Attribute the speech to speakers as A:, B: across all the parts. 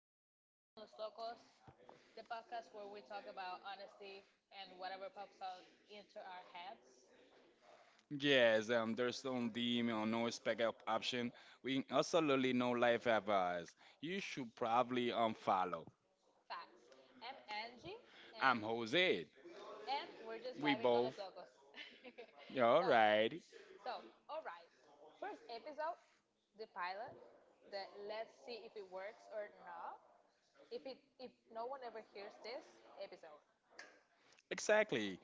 A: Just Vibing con los Locos, the podcast where we talk about honesty and whatever pops out into our heads.
B: Yes, there's no dim or no spec up option. We absolutely no life advice. You should probably unfollow.
A: Facts. I'm Angie, and
B: I'm Jose.
A: and we're just
B: We
A: vibing con
B: both.
A: los locos.
B: All
A: so,
B: right.
A: so all right. First episode, the pilot. That, let's see if it works or not. If no one ever hears this episode.
B: Exactly.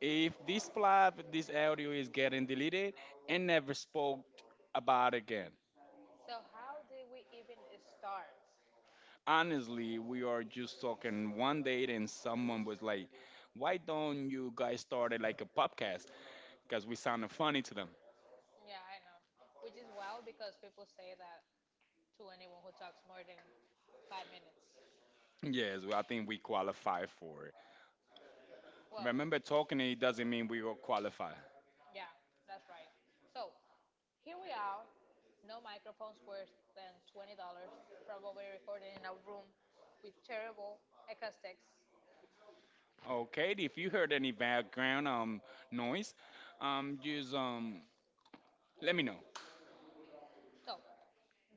B: If this live, this audio is getting deleted and never spoke about again.
A: So, how did we even start?
B: Honestly, we are just talking one date and someone was like, why don't you guys start it like a podcast? Because we sounded funny to them.
A: Yeah, I know. Which is wild because people say that to anyone who talks more than 5 minutes.
B: Yes, well, I think we qualify for
A: Well,
B: Remember, talking it doesn't mean we will qualify.
A: yeah, that's right. So here we are. No microphones worth than $20. Probably recorded in a room with terrible acoustics.
B: Okay, if you heard any background noise, just let me know.
A: So,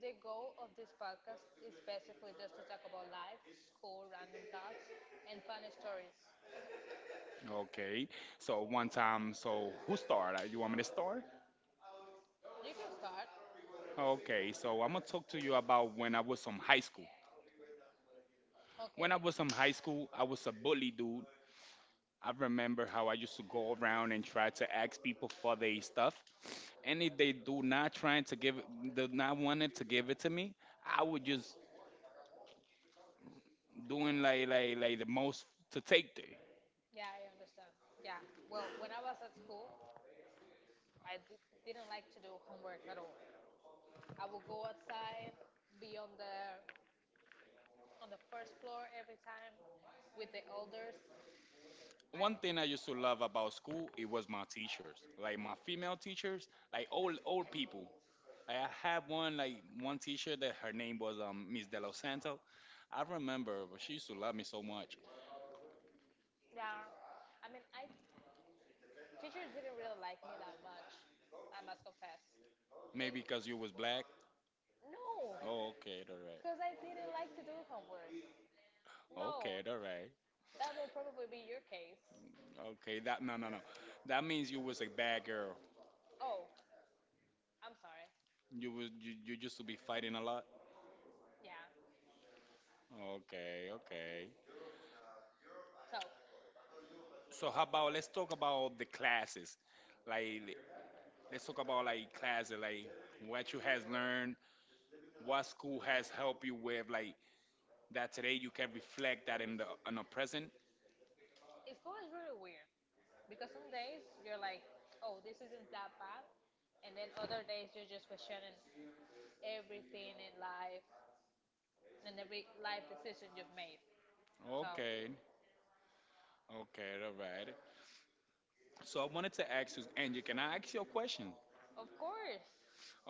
A: the goal of this podcast is basically just to talk about life, school, random thoughts, and funny stories.
B: Okay, so one time, so who started? You want me to start?
A: You can start.
B: Okay, so I'm gonna talk to you about when I was in high school.
A: Okay.
B: When I was in high school, I was a bully dude. I remember how I used to go around and try to ask people for their stuff, and if they do not trying to give, do not wanted to give it to me, I would just doing like the most to take there.
A: Yeah, I understand. Yeah. Well, when I was at school, I didn't like to do homework at all. I would go outside, be on the first floor every time with the elders. One
B: One
A: thing
B: thing I
A: I
B: used
A: used
B: to
A: to love
B: love
A: about
B: about
A: school,
B: school
A: it
B: it
A: was
B: was
A: my
B: my teachers,
A: teacher, like
B: like
A: my
B: my female
A: female teachers,
B: teachers, like
A: like old
B: old
A: old
B: old
A: people.
B: people.
A: Like
B: Like
A: I
B: I
A: had
B: had
A: one, like
B: one
A: one teacher
B: teacher that
A: that her
B: her
A: name
B: name was
A: was
B: Miss
A: Miss
B: De
A: De Los
B: Los Santos.
A: Santos.
B: I
A: I remember
B: remember but she
A: she
B: used
A: used
B: to
A: to
B: love
A: love
B: me
A: me
B: so
A: so much.
B: much.
A: Yeah. I mean, I teachers didn't really like me that much. I must confess. They
B: Maybe
A: Maybe because
B: because you
A: you was
B: was black.
A: black. No,
B: Oh, okay, all
A: because I didn't like to do homework.
B: right.
A: No. Okay,
B: Okay, all right.
A: that will probably be your case.
B: Okay,
A: Okay, that
B: that
A: no
B: no no
A: no.
B: no. That
A: That means
B: means you
A: you was
B: was a
A: a bad
B: bad
A: girl.
B: girl.
A: Oh, I'm sorry.
B: You
A: You
B: was
A: was you,
B: you, you
A: you
B: used
A: used
B: to
A: to be
B: be fighting
A: planning
B: a
A: a lot.
B: lot.
A: Yeah.
B: Okay, okay.
A: So,
B: So
A: So
B: how
A: how about
B: about
A: let's
B: let's
A: talk
B: talk about
A: about
B: the
A: the classes.
B: classes like
A: Like
B: Let's
A: let's
B: talk
A: talk
B: about
A: about like
B: like class,
A: classes, like
B: like
A: what
B: what you
A: you have
B: has
A: learned,
B: learned, what
A: what
B: school
A: school has
B: has helped
A: helped
B: you
A: you with,
B: with,
A: like
B: like that
A: that
B: today
A: today
B: you
A: you
B: can
A: can
B: reflect
A: reflect
B: that
A: that in
B: in the
A: the in
B: in the
A: the present.
B: present.
A: It's school is really weird because some days you're like, oh, this isn't that bad, and then other days you're just questioning everything in life and every life decision you've made. So, okay,
B: Okay,
A: okay,
B: okay, all right.
A: okay.
B: So
A: So I
B: I wanted
A: wanted to
B: to
A: ask
B: ask
A: you,
B: you, Angie,
A: can
B: can
A: I
B: I
A: ask
B: ask you a
A: you a question?
B: question?
A: Of course.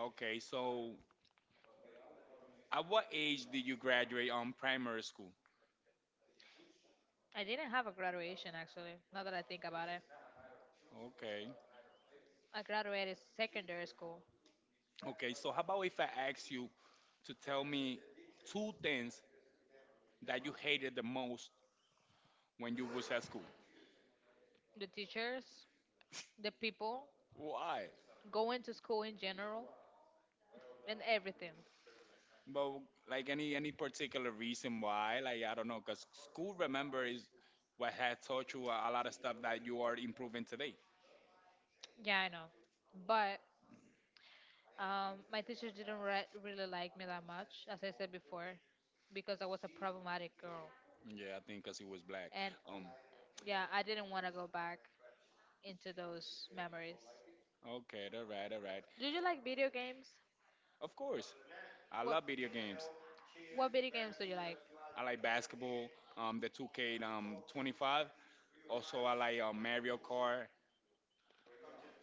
A: Okay, so
B: so
A: at
B: at what
A: what age
B: age did
A: did
B: you
A: you
B: graduate
A: graduate
B: on primary
A: primary school?
B: school?
A: I didn't have a graduation, actually. Now that I think about it, okay,
B: Okay,
A: I graduated secondary school. Okay,
B: okay. So
A: so
B: how
A: how
B: about
A: about if
B: if I
A: I ask
B: ask
A: you
B: you
A: to
B: to
A: tell
B: tell
A: me
B: me
A: two
B: two
A: things
B: things that
A: that you
B: you
A: hated
B: hated the
A: the most
B: most
A: when
B: when
A: you
B: you
A: were at
B: was at
A: school?
B: school?
A: The teachers, the people. Why?
B: Why?
A: Going to school in general, and everything. But
B: But
A: like
B: like any
A: any
B: any
A: any
B: particular
A: particular reason
B: reason
A: why?
B: why? Like
A: Like
B: I
A: I
B: don't
A: don't
B: know,
A: know, because
B: because school
A: school,
B: remember
A: remember, is
B: is what
A: what had
B: had
A: taught
B: taught
A: you
B: you a
A: a
B: lot
A: lot
B: of
A: of
B: stuff
A: stuff that
B: that
A: you
B: you are
A: are
B: improving
A: improving today.
B: today.
A: Yeah, I know. But my teachers didn't really like me that much, as I said before, because I was a problematic girl.
B: Yeah, I think because he was black.
A: And
B: Um.
A: yeah, I didn't want to go back into those memories.
B: Okay. All right. All right.
A: Do you like video games?
B: Of course, I
A: What
B: love video games.
A: What video games do you like?
B: I like basketball. The 2K 25. Also, I like Mario Kart.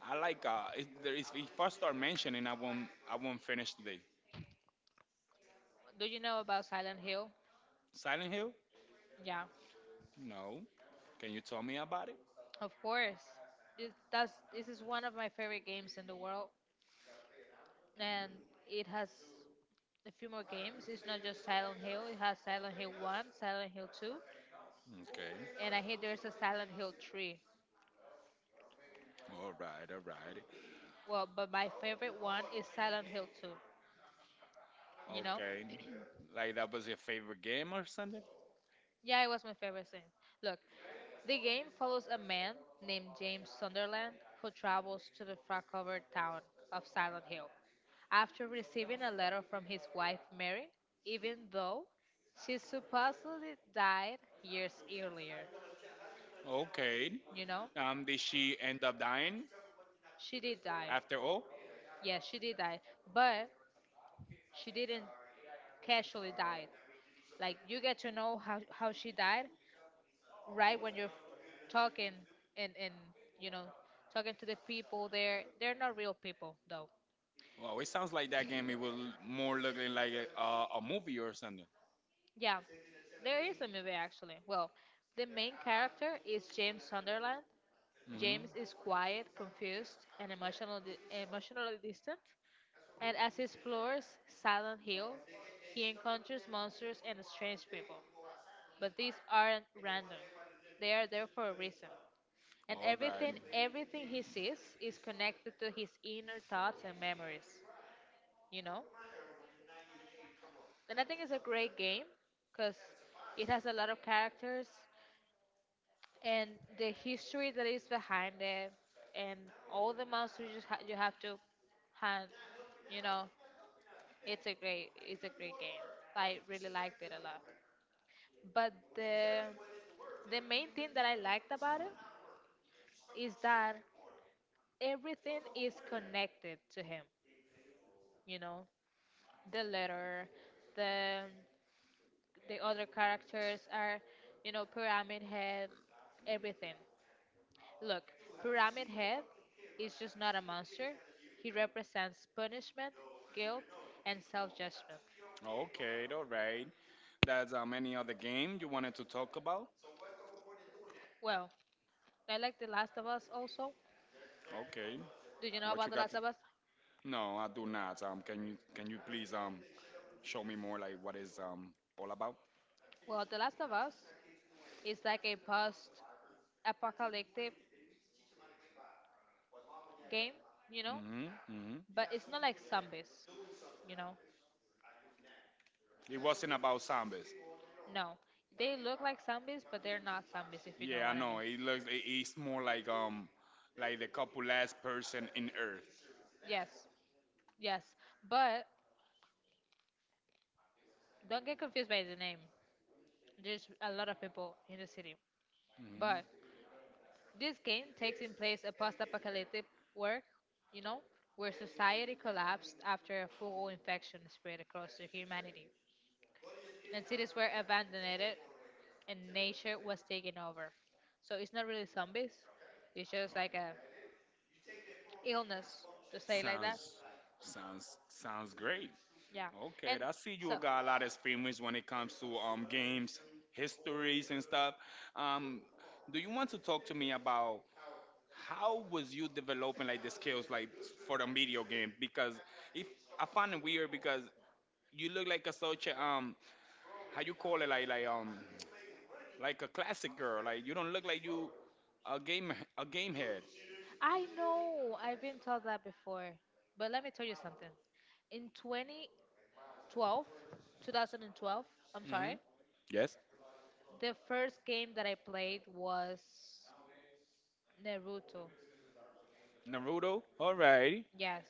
B: I like. If, there is, If I start mentioning, I won't finish today.
A: Do you know about Silent Hill?
B: Silent Hill?
A: Yeah. Oh,
B: No. Can
A: can
B: you
A: you
B: tell
A: tell
B: me
A: me about
B: about it?
A: it? Of course. This is one of my favorite games in the world, and it has a few more games. It's not just Silent Hill, it has Silent Hill 1, Silent Hill 2,
B: Okay.
A: and I hear there's a Silent Hill 3.
B: All right. All right.
A: Well, but my favorite one is Silent Hill 2, you know?
B: Okay. Like that was your favorite game or something?
A: Yeah, it was my favorite scene. Look, the game follows a man named James Sunderland who travels to the fog covered town of Silent Hill after receiving a letter from his wife Mary, even though she supposedly died years earlier. Okay.
B: Okay.
A: You know?
B: Did
A: She
B: she end
A: end up
B: up
A: dying.
B: dying
A: She did die.
B: after all?
A: Yes, she did die. But she didn't casually die. Like, you get to know how she died right when you're talking and you know talking to the people there. They're not real people though.
B: Well, it sounds like that game. It was more looking like a movie or something.
A: Yeah, there is a movie actually. Well, the main character is James Sunderland.
B: Mhm.
A: James is quiet, confused and emotionally distant, and as he explores Silent Hill he encounters monsters and strange people, but these aren't random. They are there for a reason. And
B: All right.
A: everything he sees is connected to his inner thoughts and memories, you know? And I think it's a great game because it has a lot of characters and the history that is behind it and all the monsters you have to hunt, you know. It's a great game. I really liked it a lot. But the main thing that I liked about it is that everything is connected to him. You know, the letter, the the other characters are, you know, Pyramid Head, everything. Look, Pyramid Head is just not a monster. He represents punishment, guilt, and self-judgment.
B: Okay. All right. That's any other game you wanted to talk about?
A: Well, I like The Last of Us also.
B: Okay.
A: Do you know
B: What
A: about
B: you
A: The
B: got?
A: Last of Us? No,
B: No, I
A: I do
B: do
A: not.
B: not.
A: Can
B: Can
A: you
B: you
A: can
B: can
A: you
B: you
A: please
B: please
A: show
B: show
A: me
B: me more
A: more like
B: like what
A: what it's
B: is
A: all
B: all
A: about?
B: about?
A: Well, The Last of Us is like a post apocalyptic game, you know. Hmm,
B: Mhm. Mhm.
A: but it's not like zombies, you know.
B: It
A: It
B: wasn't
A: wasn't about
B: about zombies.
A: zombies. No, they look like zombies, but they're not zombies, if you know Yeah,
B: Yeah, I
A: what I know. Mean.
B: know.
A: Know.
B: It
A: It look
B: looks. It,
A: it, it's
B: it's more
A: more like
B: like the
A: the couple
B: couple
A: last
B: last
A: person
B: person
A: in
B: in
A: the earth.
B: Earth.
A: Yes, yes, but don't get confused by the name. There's a lot of people in the city.
B: Hmm.
A: But this game takes in place a post-apocalyptic world, you know, where society collapsed after a fungal infection spread across the humanity. And cities were abandoned and nature was taken over. So it's not really zombies. It's just like a illness, to say it like that.
B: Sounds, sounds great.
A: Yeah.
B: Okay,
A: And
B: I see you
A: so.
B: got a lot of experience when it comes to games, histories and stuff. Um, do you want to talk to me about how was you developing like the skills like for the video game? Because if I find it weird because you look like a such a how you call it like like a classic girl. Like you don't look like you a game head.
A: I know I've been told that before, but let me tell you something. In 20. 12, 2012. I'm sorry.
B: Hmm. Yes.
A: The first game that I played was Naruto.
B: Naruto. Alrighty.
A: Yes.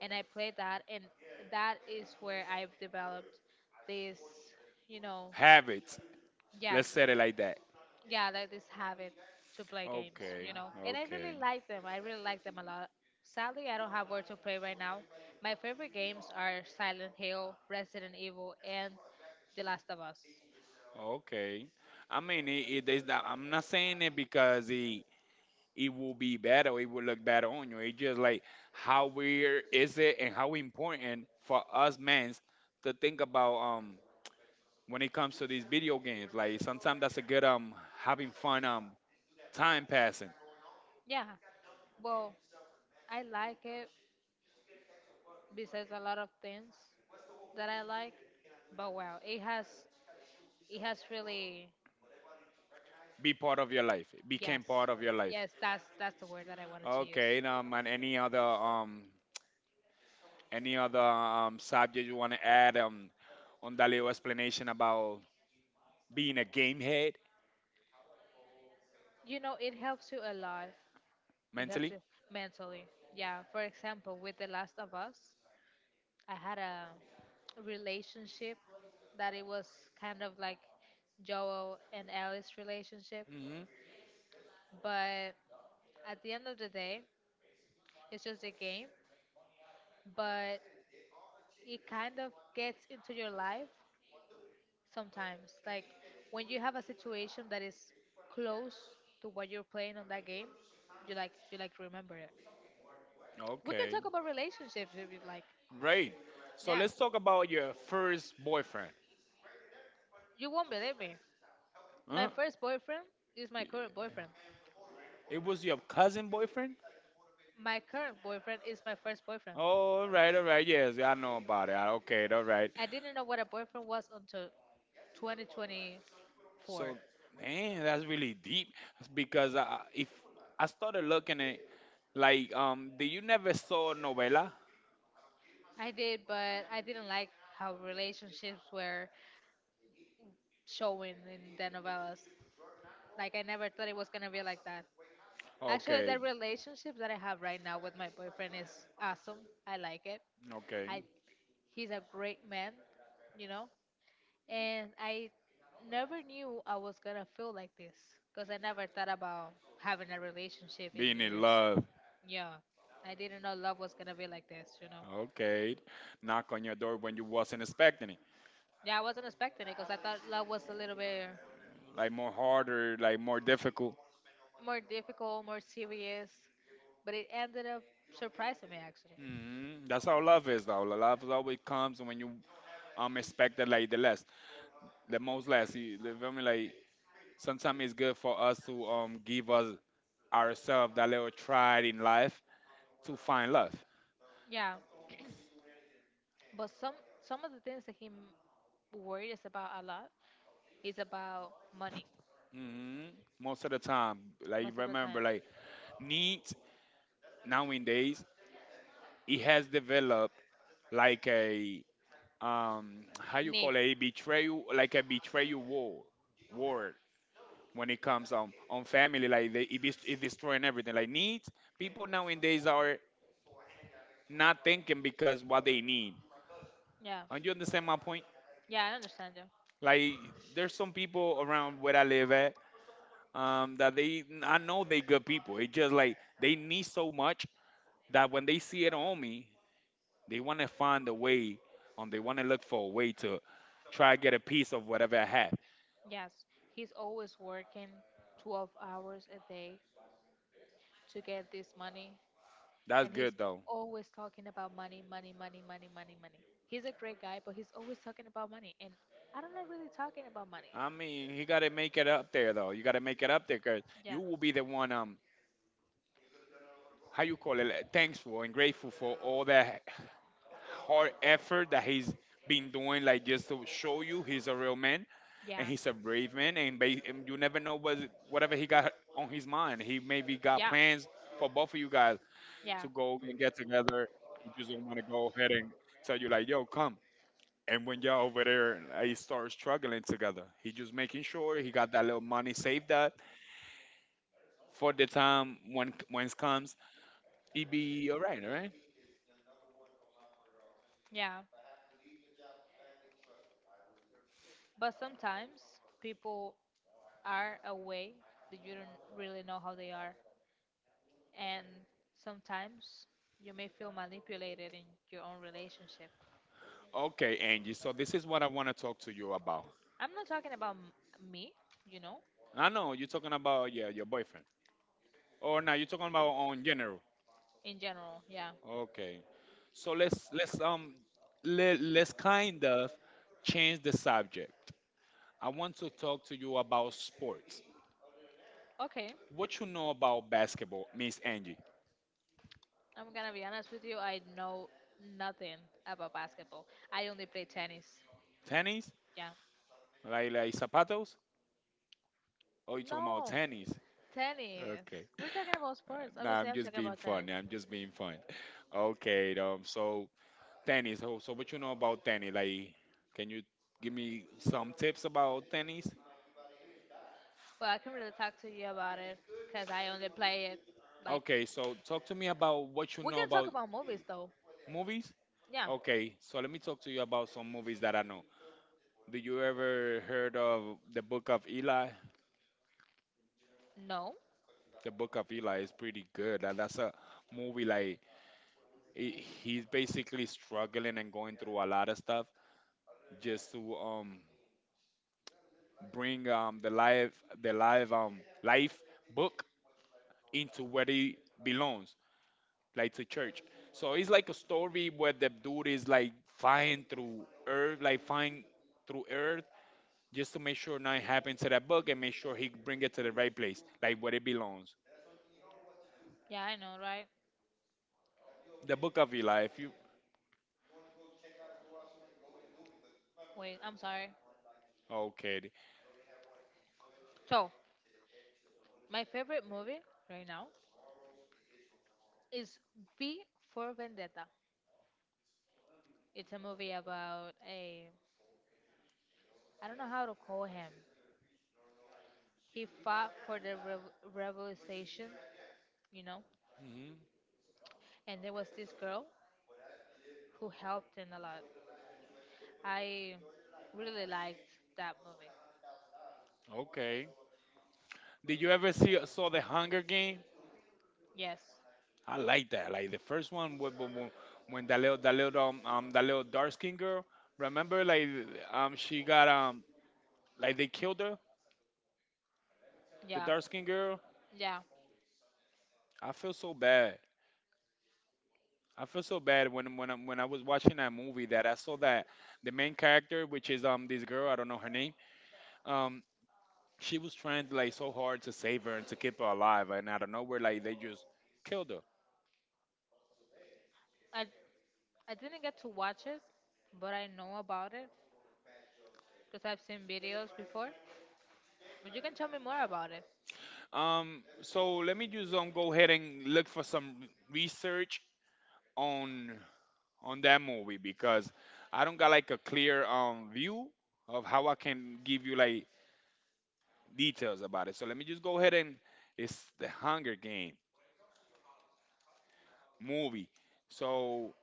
A: And I played that, and that is where I've developed this, you know,
B: Habits.
A: yes.
B: Let's set it like that.
A: Yeah, like this habit to play games,
B: Okay.
A: you know. And I really
B: Okay.
A: like them. I really like them a lot. Sadly, I don't have where to play right now. My favorite games are Silent Hill, Resident Evil, and The Last of Us.
B: Okay. I
A: I mean,
B: mean, it,
A: it
B: it is not, I'm not saying it because it
A: it
B: it will
A: will
B: be
A: be
B: bad or it will look bad on you. It's just like
A: how
B: how weird is it and how important for us men to think about
A: um,
B: when it comes
A: this
B: to these
A: video
B: video
A: game,
B: games.
A: like
B: Like sometimes that's a good having
A: having fun
B: fun
A: at
B: time
A: time.
B: passing.
A: Yeah, well, I like it besides a lot of things that I like, but wow, it has really
B: Be
A: Be,
B: part of your life. It
A: became yes,
B: became
A: part
B: part
A: of
B: of
A: your
B: your
A: life.
B: life.
A: Yes, that's the word that I wanted to use.
B: Okay, and any other um, any
A: Okay.
B: other um, subject you want to add on that little explanation about being a game head
A: You know, it helps you a lot, it helps
B: mentally?
A: you mentally. Yeah. For example, with The Last of Us, I had a relationship that it was kind of like Joel and Ellie's relationship,
B: Hmm.
A: but at the end of the day, it's just a game, but it kind of gets into your life sometimes. Like when you have a situation that is close to what you're playing on that game, you like remember it. We can
B: Okay,
A: talk about relationships if you like. So
B: great. So
A: yeah.
B: let's talk about your first boyfriend.
A: You won't believe me. My
B: Huh?
A: first boyfriend is my current boyfriend.
B: It was your cousin boyfriend?
A: My current boyfriend is my first boyfriend.
B: Oh, all right, all right. Yes, I know about it. Okay, all right.
A: I didn't know what a boyfriend was until 2024.
B: So, man, that's really deep. That's because if I started looking at did you never saw novela?
A: I did, but I didn't like how relationships were showing in the novellas. Like I never thought it was gonna be like that. Actually, the
B: Okay,
A: relationship that I have right now with my boyfriend is awesome. I like it. I
B: okay.
A: He's a great man, you know. And I never knew I was gonna feel like this because I never thought about having a relationship in
B: Being in
A: years.
B: love.
A: Yeah, I didn't know love was gonna be like this, you know.
B: Okay. Knock on your door when you wasn't expecting it.
A: Yeah, I wasn't expecting it because I thought love was a little bit
B: Like more harder, like more difficult.
A: more difficult, more serious, but it ended up surprising me actually.
B: Hmm. That's how love is though. Love always comes when you expect it like the less. The most less. You feel me? Like sometimes it's good for us to give us ourselves that little try in life to find love.
A: Yeah, but some of the things that worries about a lot is about money,
B: Hmm. Most of the time. Like
A: most of the
B: remember,
A: time.
B: like neat nowadays it has developed like a um how you
A: Need.
B: call it a betrayal like a betrayal war when it comes on family like they it destroying everything like needs people nowadays are not thinking because what they need
A: Yeah.
B: and you understand my point
A: Yeah, I understand you.
B: like there's some people around where I live at that they I know they good people it just like they need so much that when they see it on me they want to find a way and they want to look for a way to try to get a piece of whatever I have.
A: Yes, he's always working 12 hours a day to get this money.
B: That's
A: And he's
B: good though.
A: always talking about money, money, money, money, money, money. He's a great guy, but he's always talking about money. And I don't know really talking about money.
B: I mean, he got to make it up there, though. You got to make it up there because
A: Yeah.
B: you will be the one, how you call it, like, thankful and grateful for all that hard effort that he's been doing, like just to show you he's a real man and he's a brave man. And you never know whatever he got on his mind. He maybe got
A: Yeah. Yeah.
B: plans for both of you guys
A: Yeah.
B: to go and get together. He just don't want to go ahead and tell you, like, yo, come. And when y'all over there, like, start struggling together, he just making sure he got that little money saved up for the time when it comes, it be all right, all right?
A: Yeah. But sometimes people are away that you don't really know how they are. And sometimes you may feel manipulated in your own relationship.
B: Okay, Angie. So this is what I want to talk to you about.
A: I'm not talking about me, you know,
B: I know you're talking about yeah your boyfriend, or now you're talking about on general.
A: in general.
B: Okay, so let's kind of
A: Yeah.
B: change the subject. I want to talk to you about sports.
A: Okay.
B: What you know about basketball, Miss Angie?
A: I'm gonna be honest with you. I know nothing about basketball. I only play tennis.
B: Tennis,
A: Yeah.
B: like zapatos, or you talking about
A: No,
B: tennis?
A: tennis.
B: Okay.
A: We're talking about sports.
B: No,
A: Obviously,
B: I'm
A: I'm
B: just
A: talking
B: being
A: about tennis.
B: funny. I'm just being fun. Okay, so tennis. So what you know about tennis? Like, can you give me some tips about tennis?
A: Well, I can not really talk to you about it because I only play it. Like,
B: Okay, so talk to me about what you
A: we
B: know
A: can talk
B: about
A: about movies though.
B: movies.
A: Yeah.
B: Okay, so let me talk to you about some movies that I know. Do you ever heard of The Book of Eli?
A: No.
B: The Book of Eli is pretty good. That's a movie like he's basically struggling and going through a lot of stuff just to bring the live life book into where it belongs, like to church. So it's like a story where the dude is like flying through earth, like flying through earth, just to make sure nothing happens to that book and make sure he bring it to the right place, like where it belongs.
A: Yeah, I know, right?
B: The book of Eli. If you
A: Wait, I'm sorry.
B: okay,
A: So, my favorite movie right now is V for Vendetta. It's a movie about a— I don't know how to call him. He fought for the revolution, you know,
B: hmm
A: and there was this girl who helped him a lot. I really liked that movie.
B: okay. Did you ever see saw the Hunger Game?
A: Yes.
B: I like that. Like the first one when that little dark skinned girl. Remember, she got like they killed her, the
A: Yeah.
B: dark skinned girl.
A: Yeah.
B: I feel so bad. I feel so bad when I was watching that movie that I saw that the main character, which is this girl, I don't know her name, um she was trying to like so hard to save her and to keep her alive, and out of nowhere like they just killed her.
A: I I didn't get to watch it, but I know about it because I've seen videos before. But you can tell me more about it.
B: So let me just go ahead and look for some research on on that movie because I don't got like a clear view of how I can give you like details about it. So let me just go ahead and it's the Hunger Game movie. So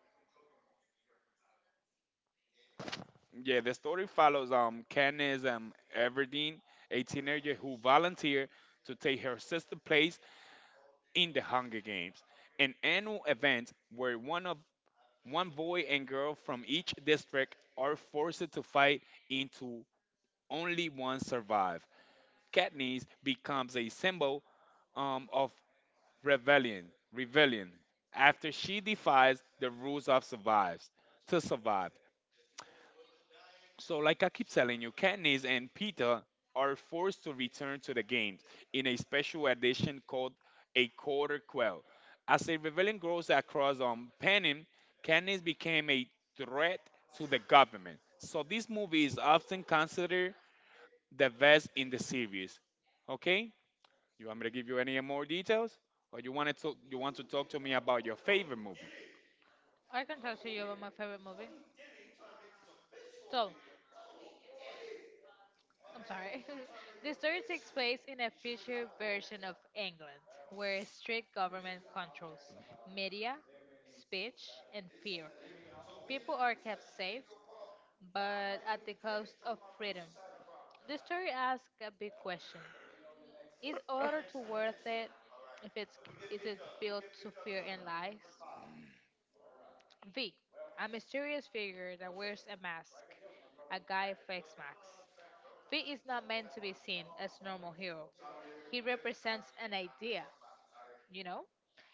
B: yeah, the story follows Candace Everdeen, a teenager who volunteered to take her sister's place in the Hunger Games, an annual event where one boy and girl from each district are forced to fight into only one survive. Katniss becomes a symbol of rebellion. Rebellion after she defies the rules of survives to survive. So, like I keep telling you, Katniss and Peter are forced to return to the games in a special edition called a Quarter Quell. As a rebellion grows across Panem, Katniss became a threat to the government. So, this movie is often considered the best in the series. Okay? You want me to give you any more details? Or you want to talk,
A: You
B: you want
A: want
B: to
A: to
B: talk
A: talk to
B: to
A: me
B: me
A: about
B: about your
A: your favorite
B: favorite
A: movie?
B: movie?
A: I can talk to you about my favorite movie. So, I'm sorry. The story takes place in a future version of England, where strict government controls media, speech, and fear. People are kept safe, but at the cost of freedom. The story asks a big question: is order too worth it if it's, is it built to fear and lies? V, a mysterious figure that wears a mask, a guy face mask. V is not meant to be seen as normal hero. He represents an idea, you know?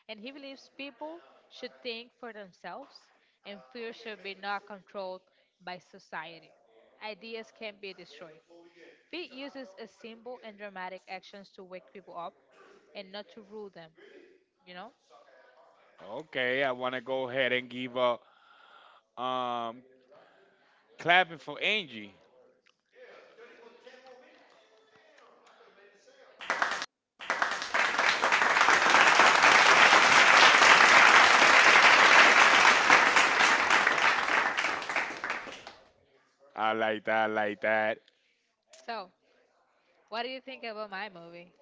A: And he believes people should think for themselves and fear should be not controlled by society. Ideas can be destroyed. V uses a symbol and dramatic actions to wake people up and not to rule them, you know?
B: Okay, I want to go ahead and give a um clapping for Angie. I like that, I like that.
A: So, what do you think about my movie?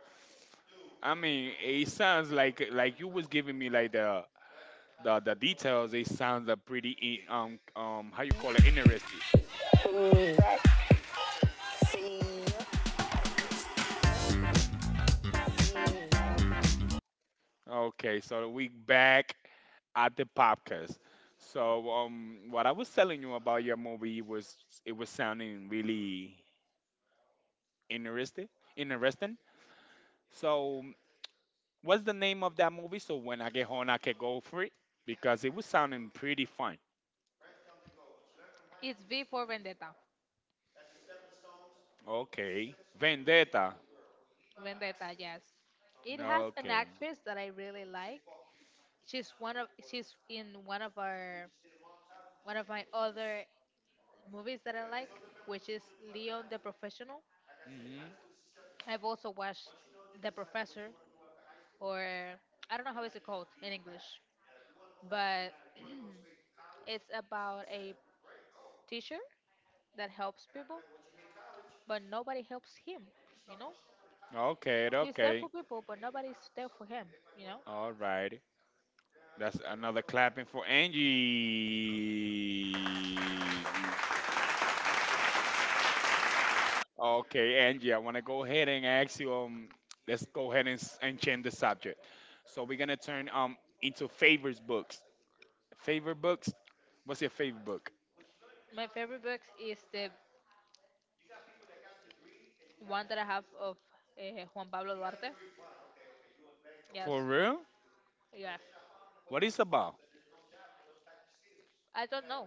B: I mean, it sounds like you was giving me like the details. It sounds a pretty how you call it interesting. Okay, so we back at the podcast. So what I was telling you about your movie was it was sounding really interesting, interesting. So, what's the name of that movie? So when I get home, I can go for it because it was sounding pretty fun.
A: It's V for Vendetta.
B: Okay, Vendetta.
A: Vendetta, yes. It has an
B: Okay.
A: actress that I really like. She's in one of my other movies that I like, which is Leon the Professional.
B: Hmm.
A: I've also watched The Professor, or I don't know how is it called in English, but it's about a teacher that helps people, but nobody helps him, you know?
B: Okay.
A: He's there
B: Okay.
A: for people, but nobody's there for him, you know?
B: All right. That's another clapping for Angie. Okay, Angie, I want to go ahead and ask you. Let's go ahead and, and change the subject. So we're gonna turn into favorites books. Favorite books? What's your favorite book?
A: My favorite book is the one that I have of Juan Pablo Duarte. Yes,
B: For real?
A: yes.
B: What is about?
A: I don't know.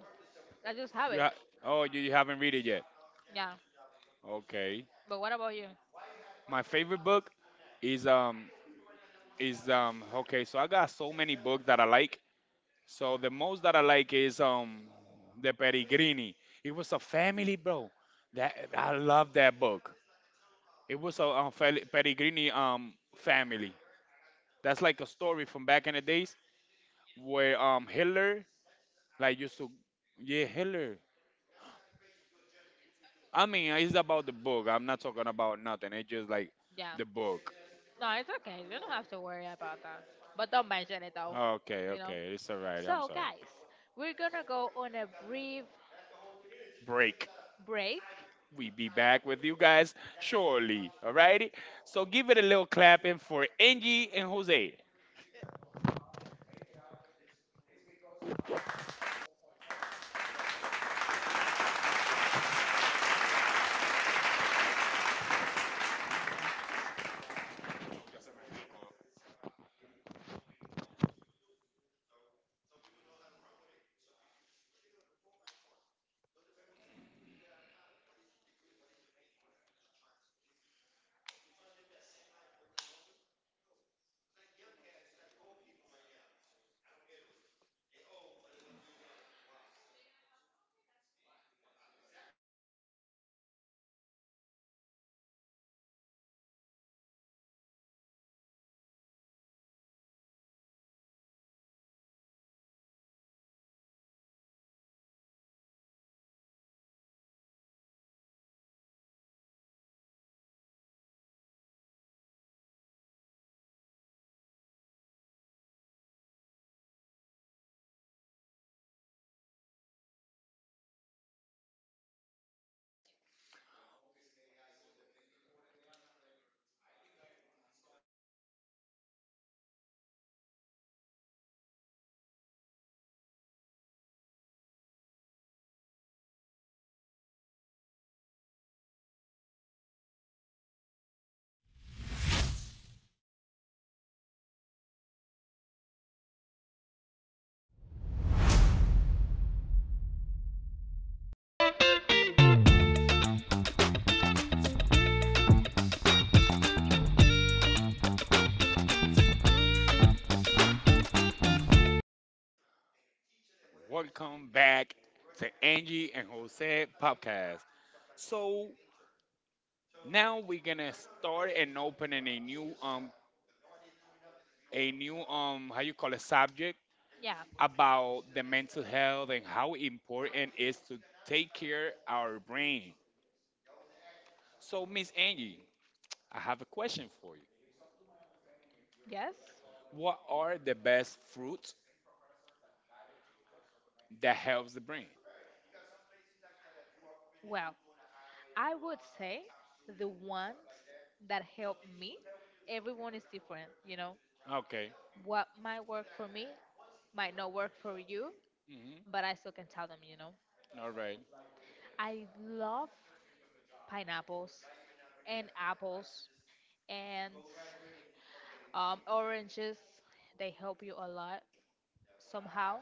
A: I just have
B: You
A: it.
B: ha- oh you haven't read it yet.
A: Yeah.
B: Okay.
A: But what about you?
B: My favorite book is okay, so I got so many books that I like. So the most that I like is The Peregrini. It was a family bro. That I love that book. It was a Peregrini family. That's like a story from back in the days where Hitler like used to yeah, Hitler. I mean, it's about the book. I'm not talking about nothing. It's just like
A: Yeah.
B: the book.
A: No, it's okay. You don't have to worry about that. But don't mention it though.
B: Okay,
A: You know?
B: okay, it's all right. I'm
A: So,
B: sorry.
A: guys, we're gonna go on a brief
B: Break.
A: break.
B: We be back with you guys shortly. All righty. So give it a little clapping for Angie and Jose. Welcome back to Angie and Jose podcast. So now we're gonna start and opening a new how you call it subject
A: Yeah.
B: about
A: About the
B: the mental
A: mental
B: health
A: health and
B: and
A: how
B: how important
A: important
B: it
A: it is
B: is
A: to
B: to
A: take
B: take care
A: care our
B: our
A: brain.
B: brain.
A: So,
B: So Miss
A: Miss
B: Angie,
A: Amy,
B: I have a
A: question
B: question
A: for
B: for you.
A: you: yes. What
B: What are
A: are the
B: the best
A: roots
B: fruits that
A: of
B: helps the
A: the brain?
B: brain?
A: Well, I would say the ones that help me, everyone is different, you know.
B: Okay.
A: What might work for me might not work for you,
B: Mhm.
A: but I still can tell them, you know.
B: All right.
A: I love pineapples and apples and, oranges, they help you a lot somehow,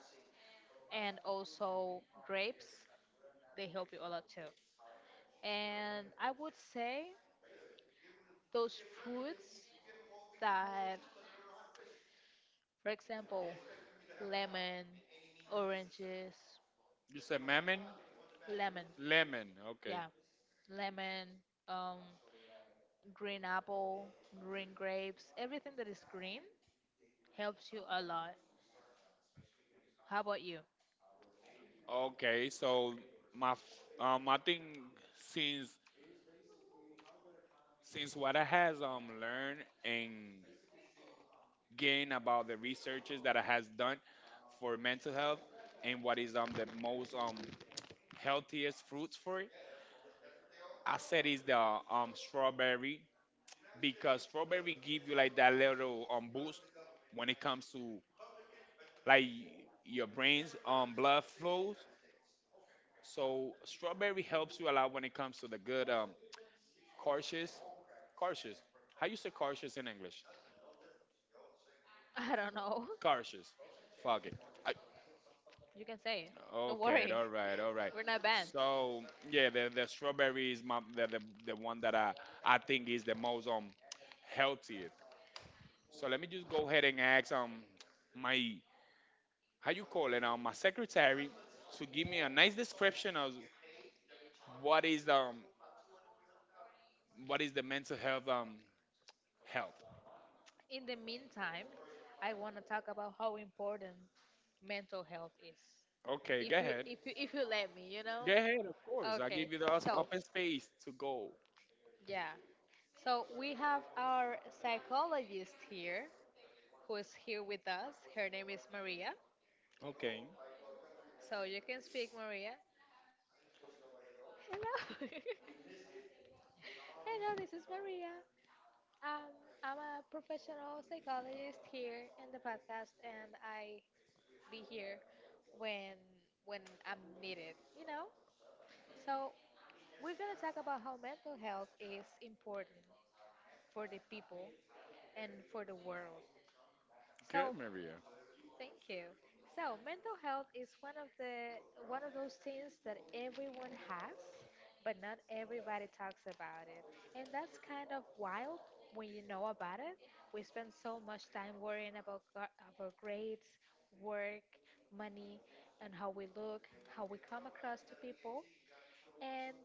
A: and also grapes, they help you a lot too. And I would say those fruits that, for example, lemon, oranges,
B: You said mammon,
A: lemon?
B: lemon.
A: Okay,
B: Okay.
A: yeah, lemon, um, green apple, green grapes, everything that is green helps you a lot. How about you?
B: Okay.
A: My
B: So my I
A: I think
B: think since
A: since since
B: since what
A: what
B: I
A: I
B: has
A: learned
B: learned
A: and
B: and
A: gain
B: gained about
A: about
B: the
A: the researches
B: researches that
A: that
B: I
A: I has
B: has done
A: done
B: for
A: for
B: mental
A: mental
B: health
A: health and
B: and what
A: what is
B: is the
A: the
B: most
A: most um
B: healthiest fruits
A: I
B: for it,
A: said
B: I said is
A: is
B: the
A: the strawberry
B: strawberry
A: because
B: because strawberry
A: strawberry
B: give
A: gives
B: you
A: you like
B: like that
A: that little
B: little
A: boost
B: boost
A: when
B: when
A: it
B: it comes to like
A: like
B: your
A: your brain's
B: brain's blood
A: blood flow.
B: flows. So strawberry
A: Strawberry helps
B: helps
A: you
B: you a
A: a
B: lot
A: lot when
B: when
A: it
B: it comes to the good cautious cautious. How you say cautious in English?
A: comes— I don't know.
B: Cautious. Fuck it. I,
A: You can say it. Don't
B: okay,
A: worry.
B: all right, all right.
A: We're not banned.
B: So yeah, the strawberry is my the one that I think is the most healthiest. So let me just go ahead and ask my how you call it my secretary to give me a nice description of what is What is the mental health health?
A: In the meantime, I want to talk about how important mental health is.
B: Okay, go
A: If you
B: ahead.
A: if you if you let me, you know.
B: Go ahead, of course. I
A: Okay.
B: give you the
A: So,
B: open space to go.
A: yeah. So we have our psychologist here who is here with us. Her name is Maria.
B: Okay.
A: So you can speak Maria. Hello. Hello, this is Maria. Um, I'm a professional psychologist here in the podcast, and I be here when when I'm needed, you know. So we're gonna talk about how mental health is important for the people and for the world.
B: Good,
A: So
B: Maria.
A: thank you. So, mental health is one of the one of those things that everyone has, but not everybody talks about it. And that's kind of wild when you know about it. We spend so much time worrying about our grades, work, money, and how we look, how we come across to people, and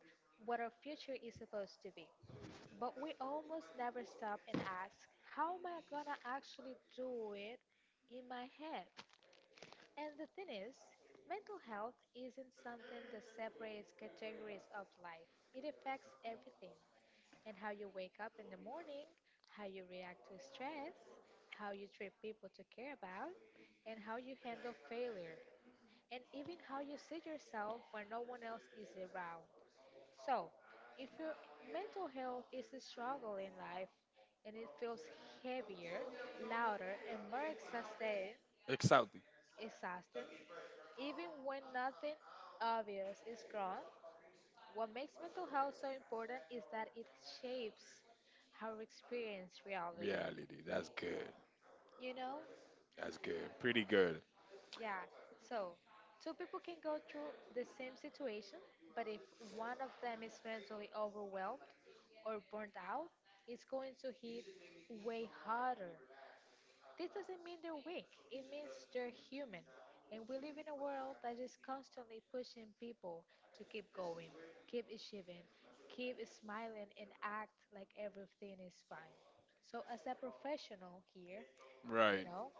A: what our future is supposed to be. But we almost never stop and ask, how am I gonna actually do it in my head? And the thing is, mental health isn't something that separates categories of life. It affects everything. And how you wake up in the morning, how you react to stress, how you treat people to care about, and how you handle failure, and even how you see yourself when no one else is around. So, if your mental health is a struggle in life and it feels heavier, louder, and more exhausting,
B: Exciting.
A: exhausted, even when nothing obvious is wrong. What makes mental health so important is that it shapes how we experience reality.
B: Reality. That's good.
A: You know?
B: That's good. Pretty good.
A: Yeah. So, two people can go through the same situation, but if one of them is mentally overwhelmed or burnt out, it's going to hit way harder. This doesn't mean they're weak, it means they're human. And we live in a world that is constantly pushing people to keep going, keep achieving, keep smiling, and act like everything is fine. So, as a professional here, you
B: Right.
A: know,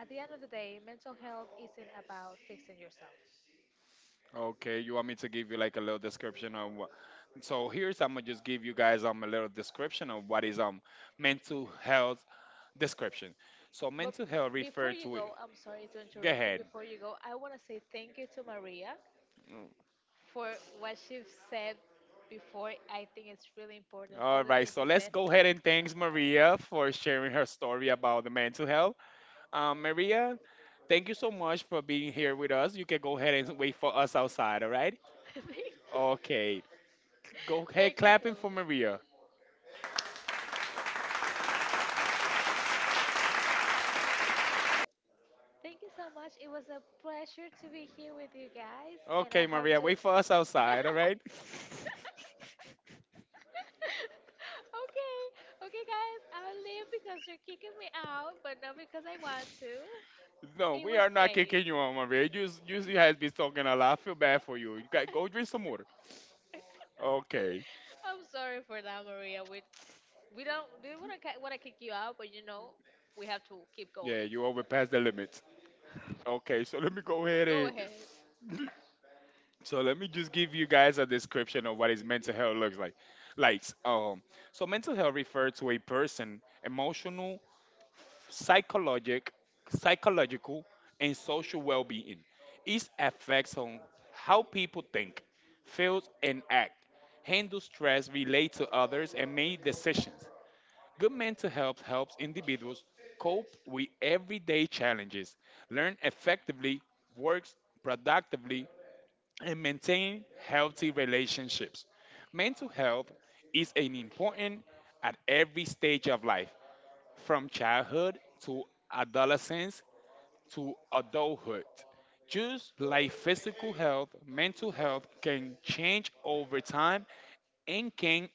A: at the end of the day, mental health isn't about fixing yourself.
B: Okay. You want me to give you like a little description of what? So here's I'm gonna just give you guys a little description of what is mental health description. So
A: But
B: mental health
A: before
B: refer
A: you
B: to it.
A: go, I'm sorry to
B: Go
A: interrupt you.
B: ahead.
A: Before you go, I want to say thank you to Maria for what she's said before. I think it's really important. All
B: All
A: the
B: right.
A: things
B: So
A: you
B: let's
A: said.
B: go ahead and thanks Maria for sharing her story about the mental health. Maria, thank you so much for being here with us. You can go ahead and wait for us outside, all right? Okay. Go ahead
A: Thank you. Thank you so
B: clapping for
A: much.
B: Maria.
A: Thank you so much. It was a pleasure to be here with you guys, and I
B: Okay,
A: hope.
B: Maria,
A: To...
B: wait for us outside, all right?
A: Okay, okay, guys, I'll leave because you're kicking me out, but not because I want to.
B: No,
A: It
B: we
A: was
B: are not
A: great.
B: kicking you out, Maria. You has been talking a lot. I feel bad for you. You got go drink some water. Okay.
A: I'm sorry for that, Maria. We don't do want to kick you out, but you know we have to keep going.
B: Yeah, you overpassed the limit. Okay, so let me go ahead
A: Go
B: and
A: ahead.
B: so let me just give you guys a description of what is mental health looks like. Like so mental health refers to a person emotional psychologic, psychological, and social well-being. It affects on how people think, feel, and act, handle stress, relate to others, and make decisions. Good mental health helps individuals cope with everyday challenges, learn effectively, work productively, and maintain healthy relationships. Mental health is an important at every stage of life from childhood to adolescence to adulthood. Just like physical health, mental health can change over time and can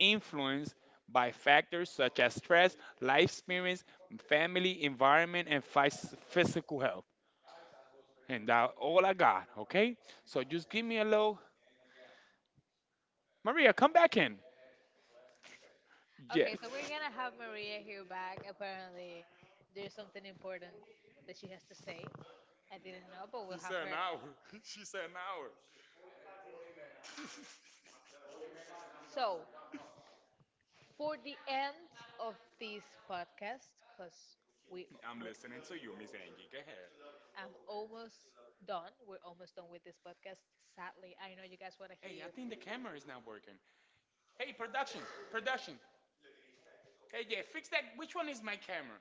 B: influence by factors such as stress, life experience, family environment, and physical health. And that's all I got, okay? So just give me a little. Maria, come back in.
A: Okay,
B: Yes.
A: so we're gonna have Maria here back. Apparently, there's something important that she has to say. I didn't know, but
B: She
A: we'll have
B: said an
A: her.
B: hour. She said an hour.
A: So, for the end of this podcast, because
B: I'm
A: we
B: listening to you, Miss Angie. Go ahead.
A: I'm almost done. We're almost done with this podcast. Sadly, I know you guys want to
B: Hey, I
A: hear.
B: think the camera is not working. Hey, production, production. Hey, yeah, fix that. Which one is my camera?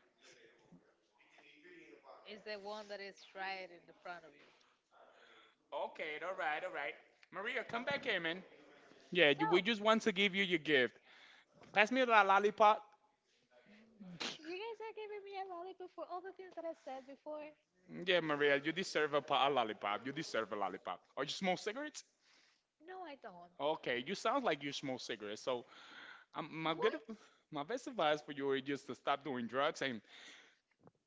A: It's the one that is right in the front of you. Okay,
B: Okay, all
A: all right,
B: right, all
A: all
B: right.
A: right.
B: Maria,
A: Maria, come
B: come back
A: back in,
B: here,
A: man.
B: man.
A: Yeah,
B: We
A: So, just
B: just want
A: want to
B: to
A: give
B: give you
A: you
B: your
A: your gift.
B: gift.
A: Pass
B: Pass me
A: me that
B: that lollipop.
A: lollipop. You guys are giving me a lollipop for all the things that I said before.
B: Yeah,
A: Yeah,
B: Maria,
A: Maria,
B: you
A: you deserve
B: deserve
A: a,
B: a
A: a
B: lollipop.
A: lollipop.
B: You
A: You deserve
B: deserve a
A: a lollipop.
B: lollipop. Or
A: Are
B: you
A: you
B: smoke
A: smoking?
B: cigarettes?
A: No, I don't. Okay,
B: Okay, you sound like you smoke cigarettes.
A: so
B: So,
A: um, my
B: my
A: what?
B: good, my
A: My best
B: best advice
A: advice
B: for
A: for you
B: you is
A: is
B: just to stop doing drugs and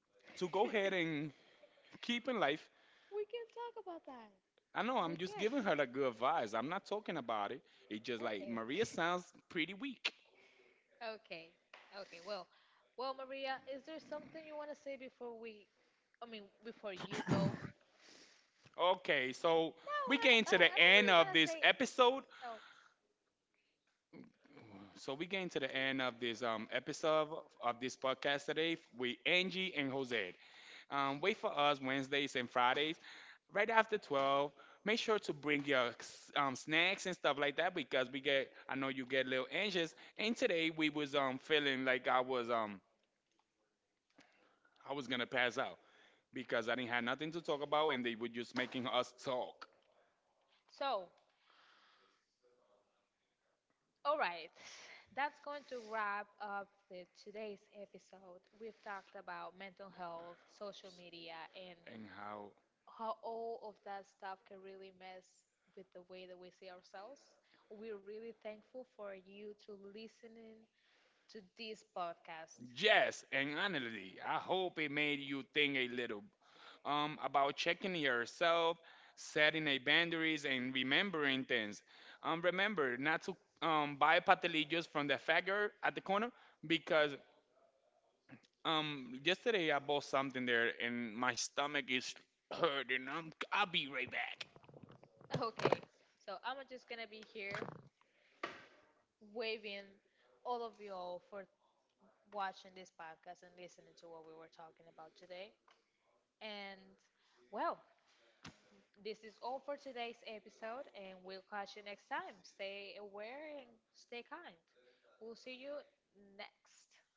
A: to go
B: to go
A: ahead
B: ahead
A: and
B: and
A: keep
B: keep in
A: it.
B: life.
A: We can talk about that.
B: I
A: I
B: know
A: know
B: I'm
A: We I'm just
B: just
A: can't.
B: giving
A: Giving
B: her
A: her
B: the
A: like
B: good
A: good advice.
B: advice. I'm
A: I'm
B: not talking
A: talking
B: about
A: about
B: it.
A: it.
B: It's
A: It's just
B: just
A: like
B: like
A: Okay. Maria
B: Maria
A: sounds.
B: sounds pretty weak.
A: Okay. Okay. Well, well, Maria, is there something you want to say before we, I mean, before you go?
B: Okay,
A: No, I
B: so we came
A: don't. I
B: to
A: don't.
B: the
A: I don't
B: end
A: really want
B: of
A: to
B: this
A: say.
B: episode.
A: Oh.
B: So we came to the end of this episode of this podcast today with Angie and Jose. Wait for us Wednesdays and Fridays right after 12. Make sure to bring your snacks and stuff like that because we get. I know you get a little anxious. And today we was feeling like I was gonna pass out because I didn't have nothing to talk about and they were just making us talk
A: So, all right, that's going to wrap up the today's episode. We've talked about mental health, social media, and
B: and how
A: how all of that stuff can really mess with the way that we see ourselves. We're really thankful for you to listening to this podcast.
B: Yes, and honestly, I hope it made you think a little about checking yourself, setting a boundaries, and remembering things. Remember not to buy patillos from the fagger at the corner because yesterday I bought something there and my stomach is hurting. I'm I'll be right back.
A: Okay, so I'm just gonna be here waving all of you all for watching this podcast and listening to what we were talking about today. And well, this is all for today's episode, and we'll catch you next time. Stay aware and stay kind. We'll see you next.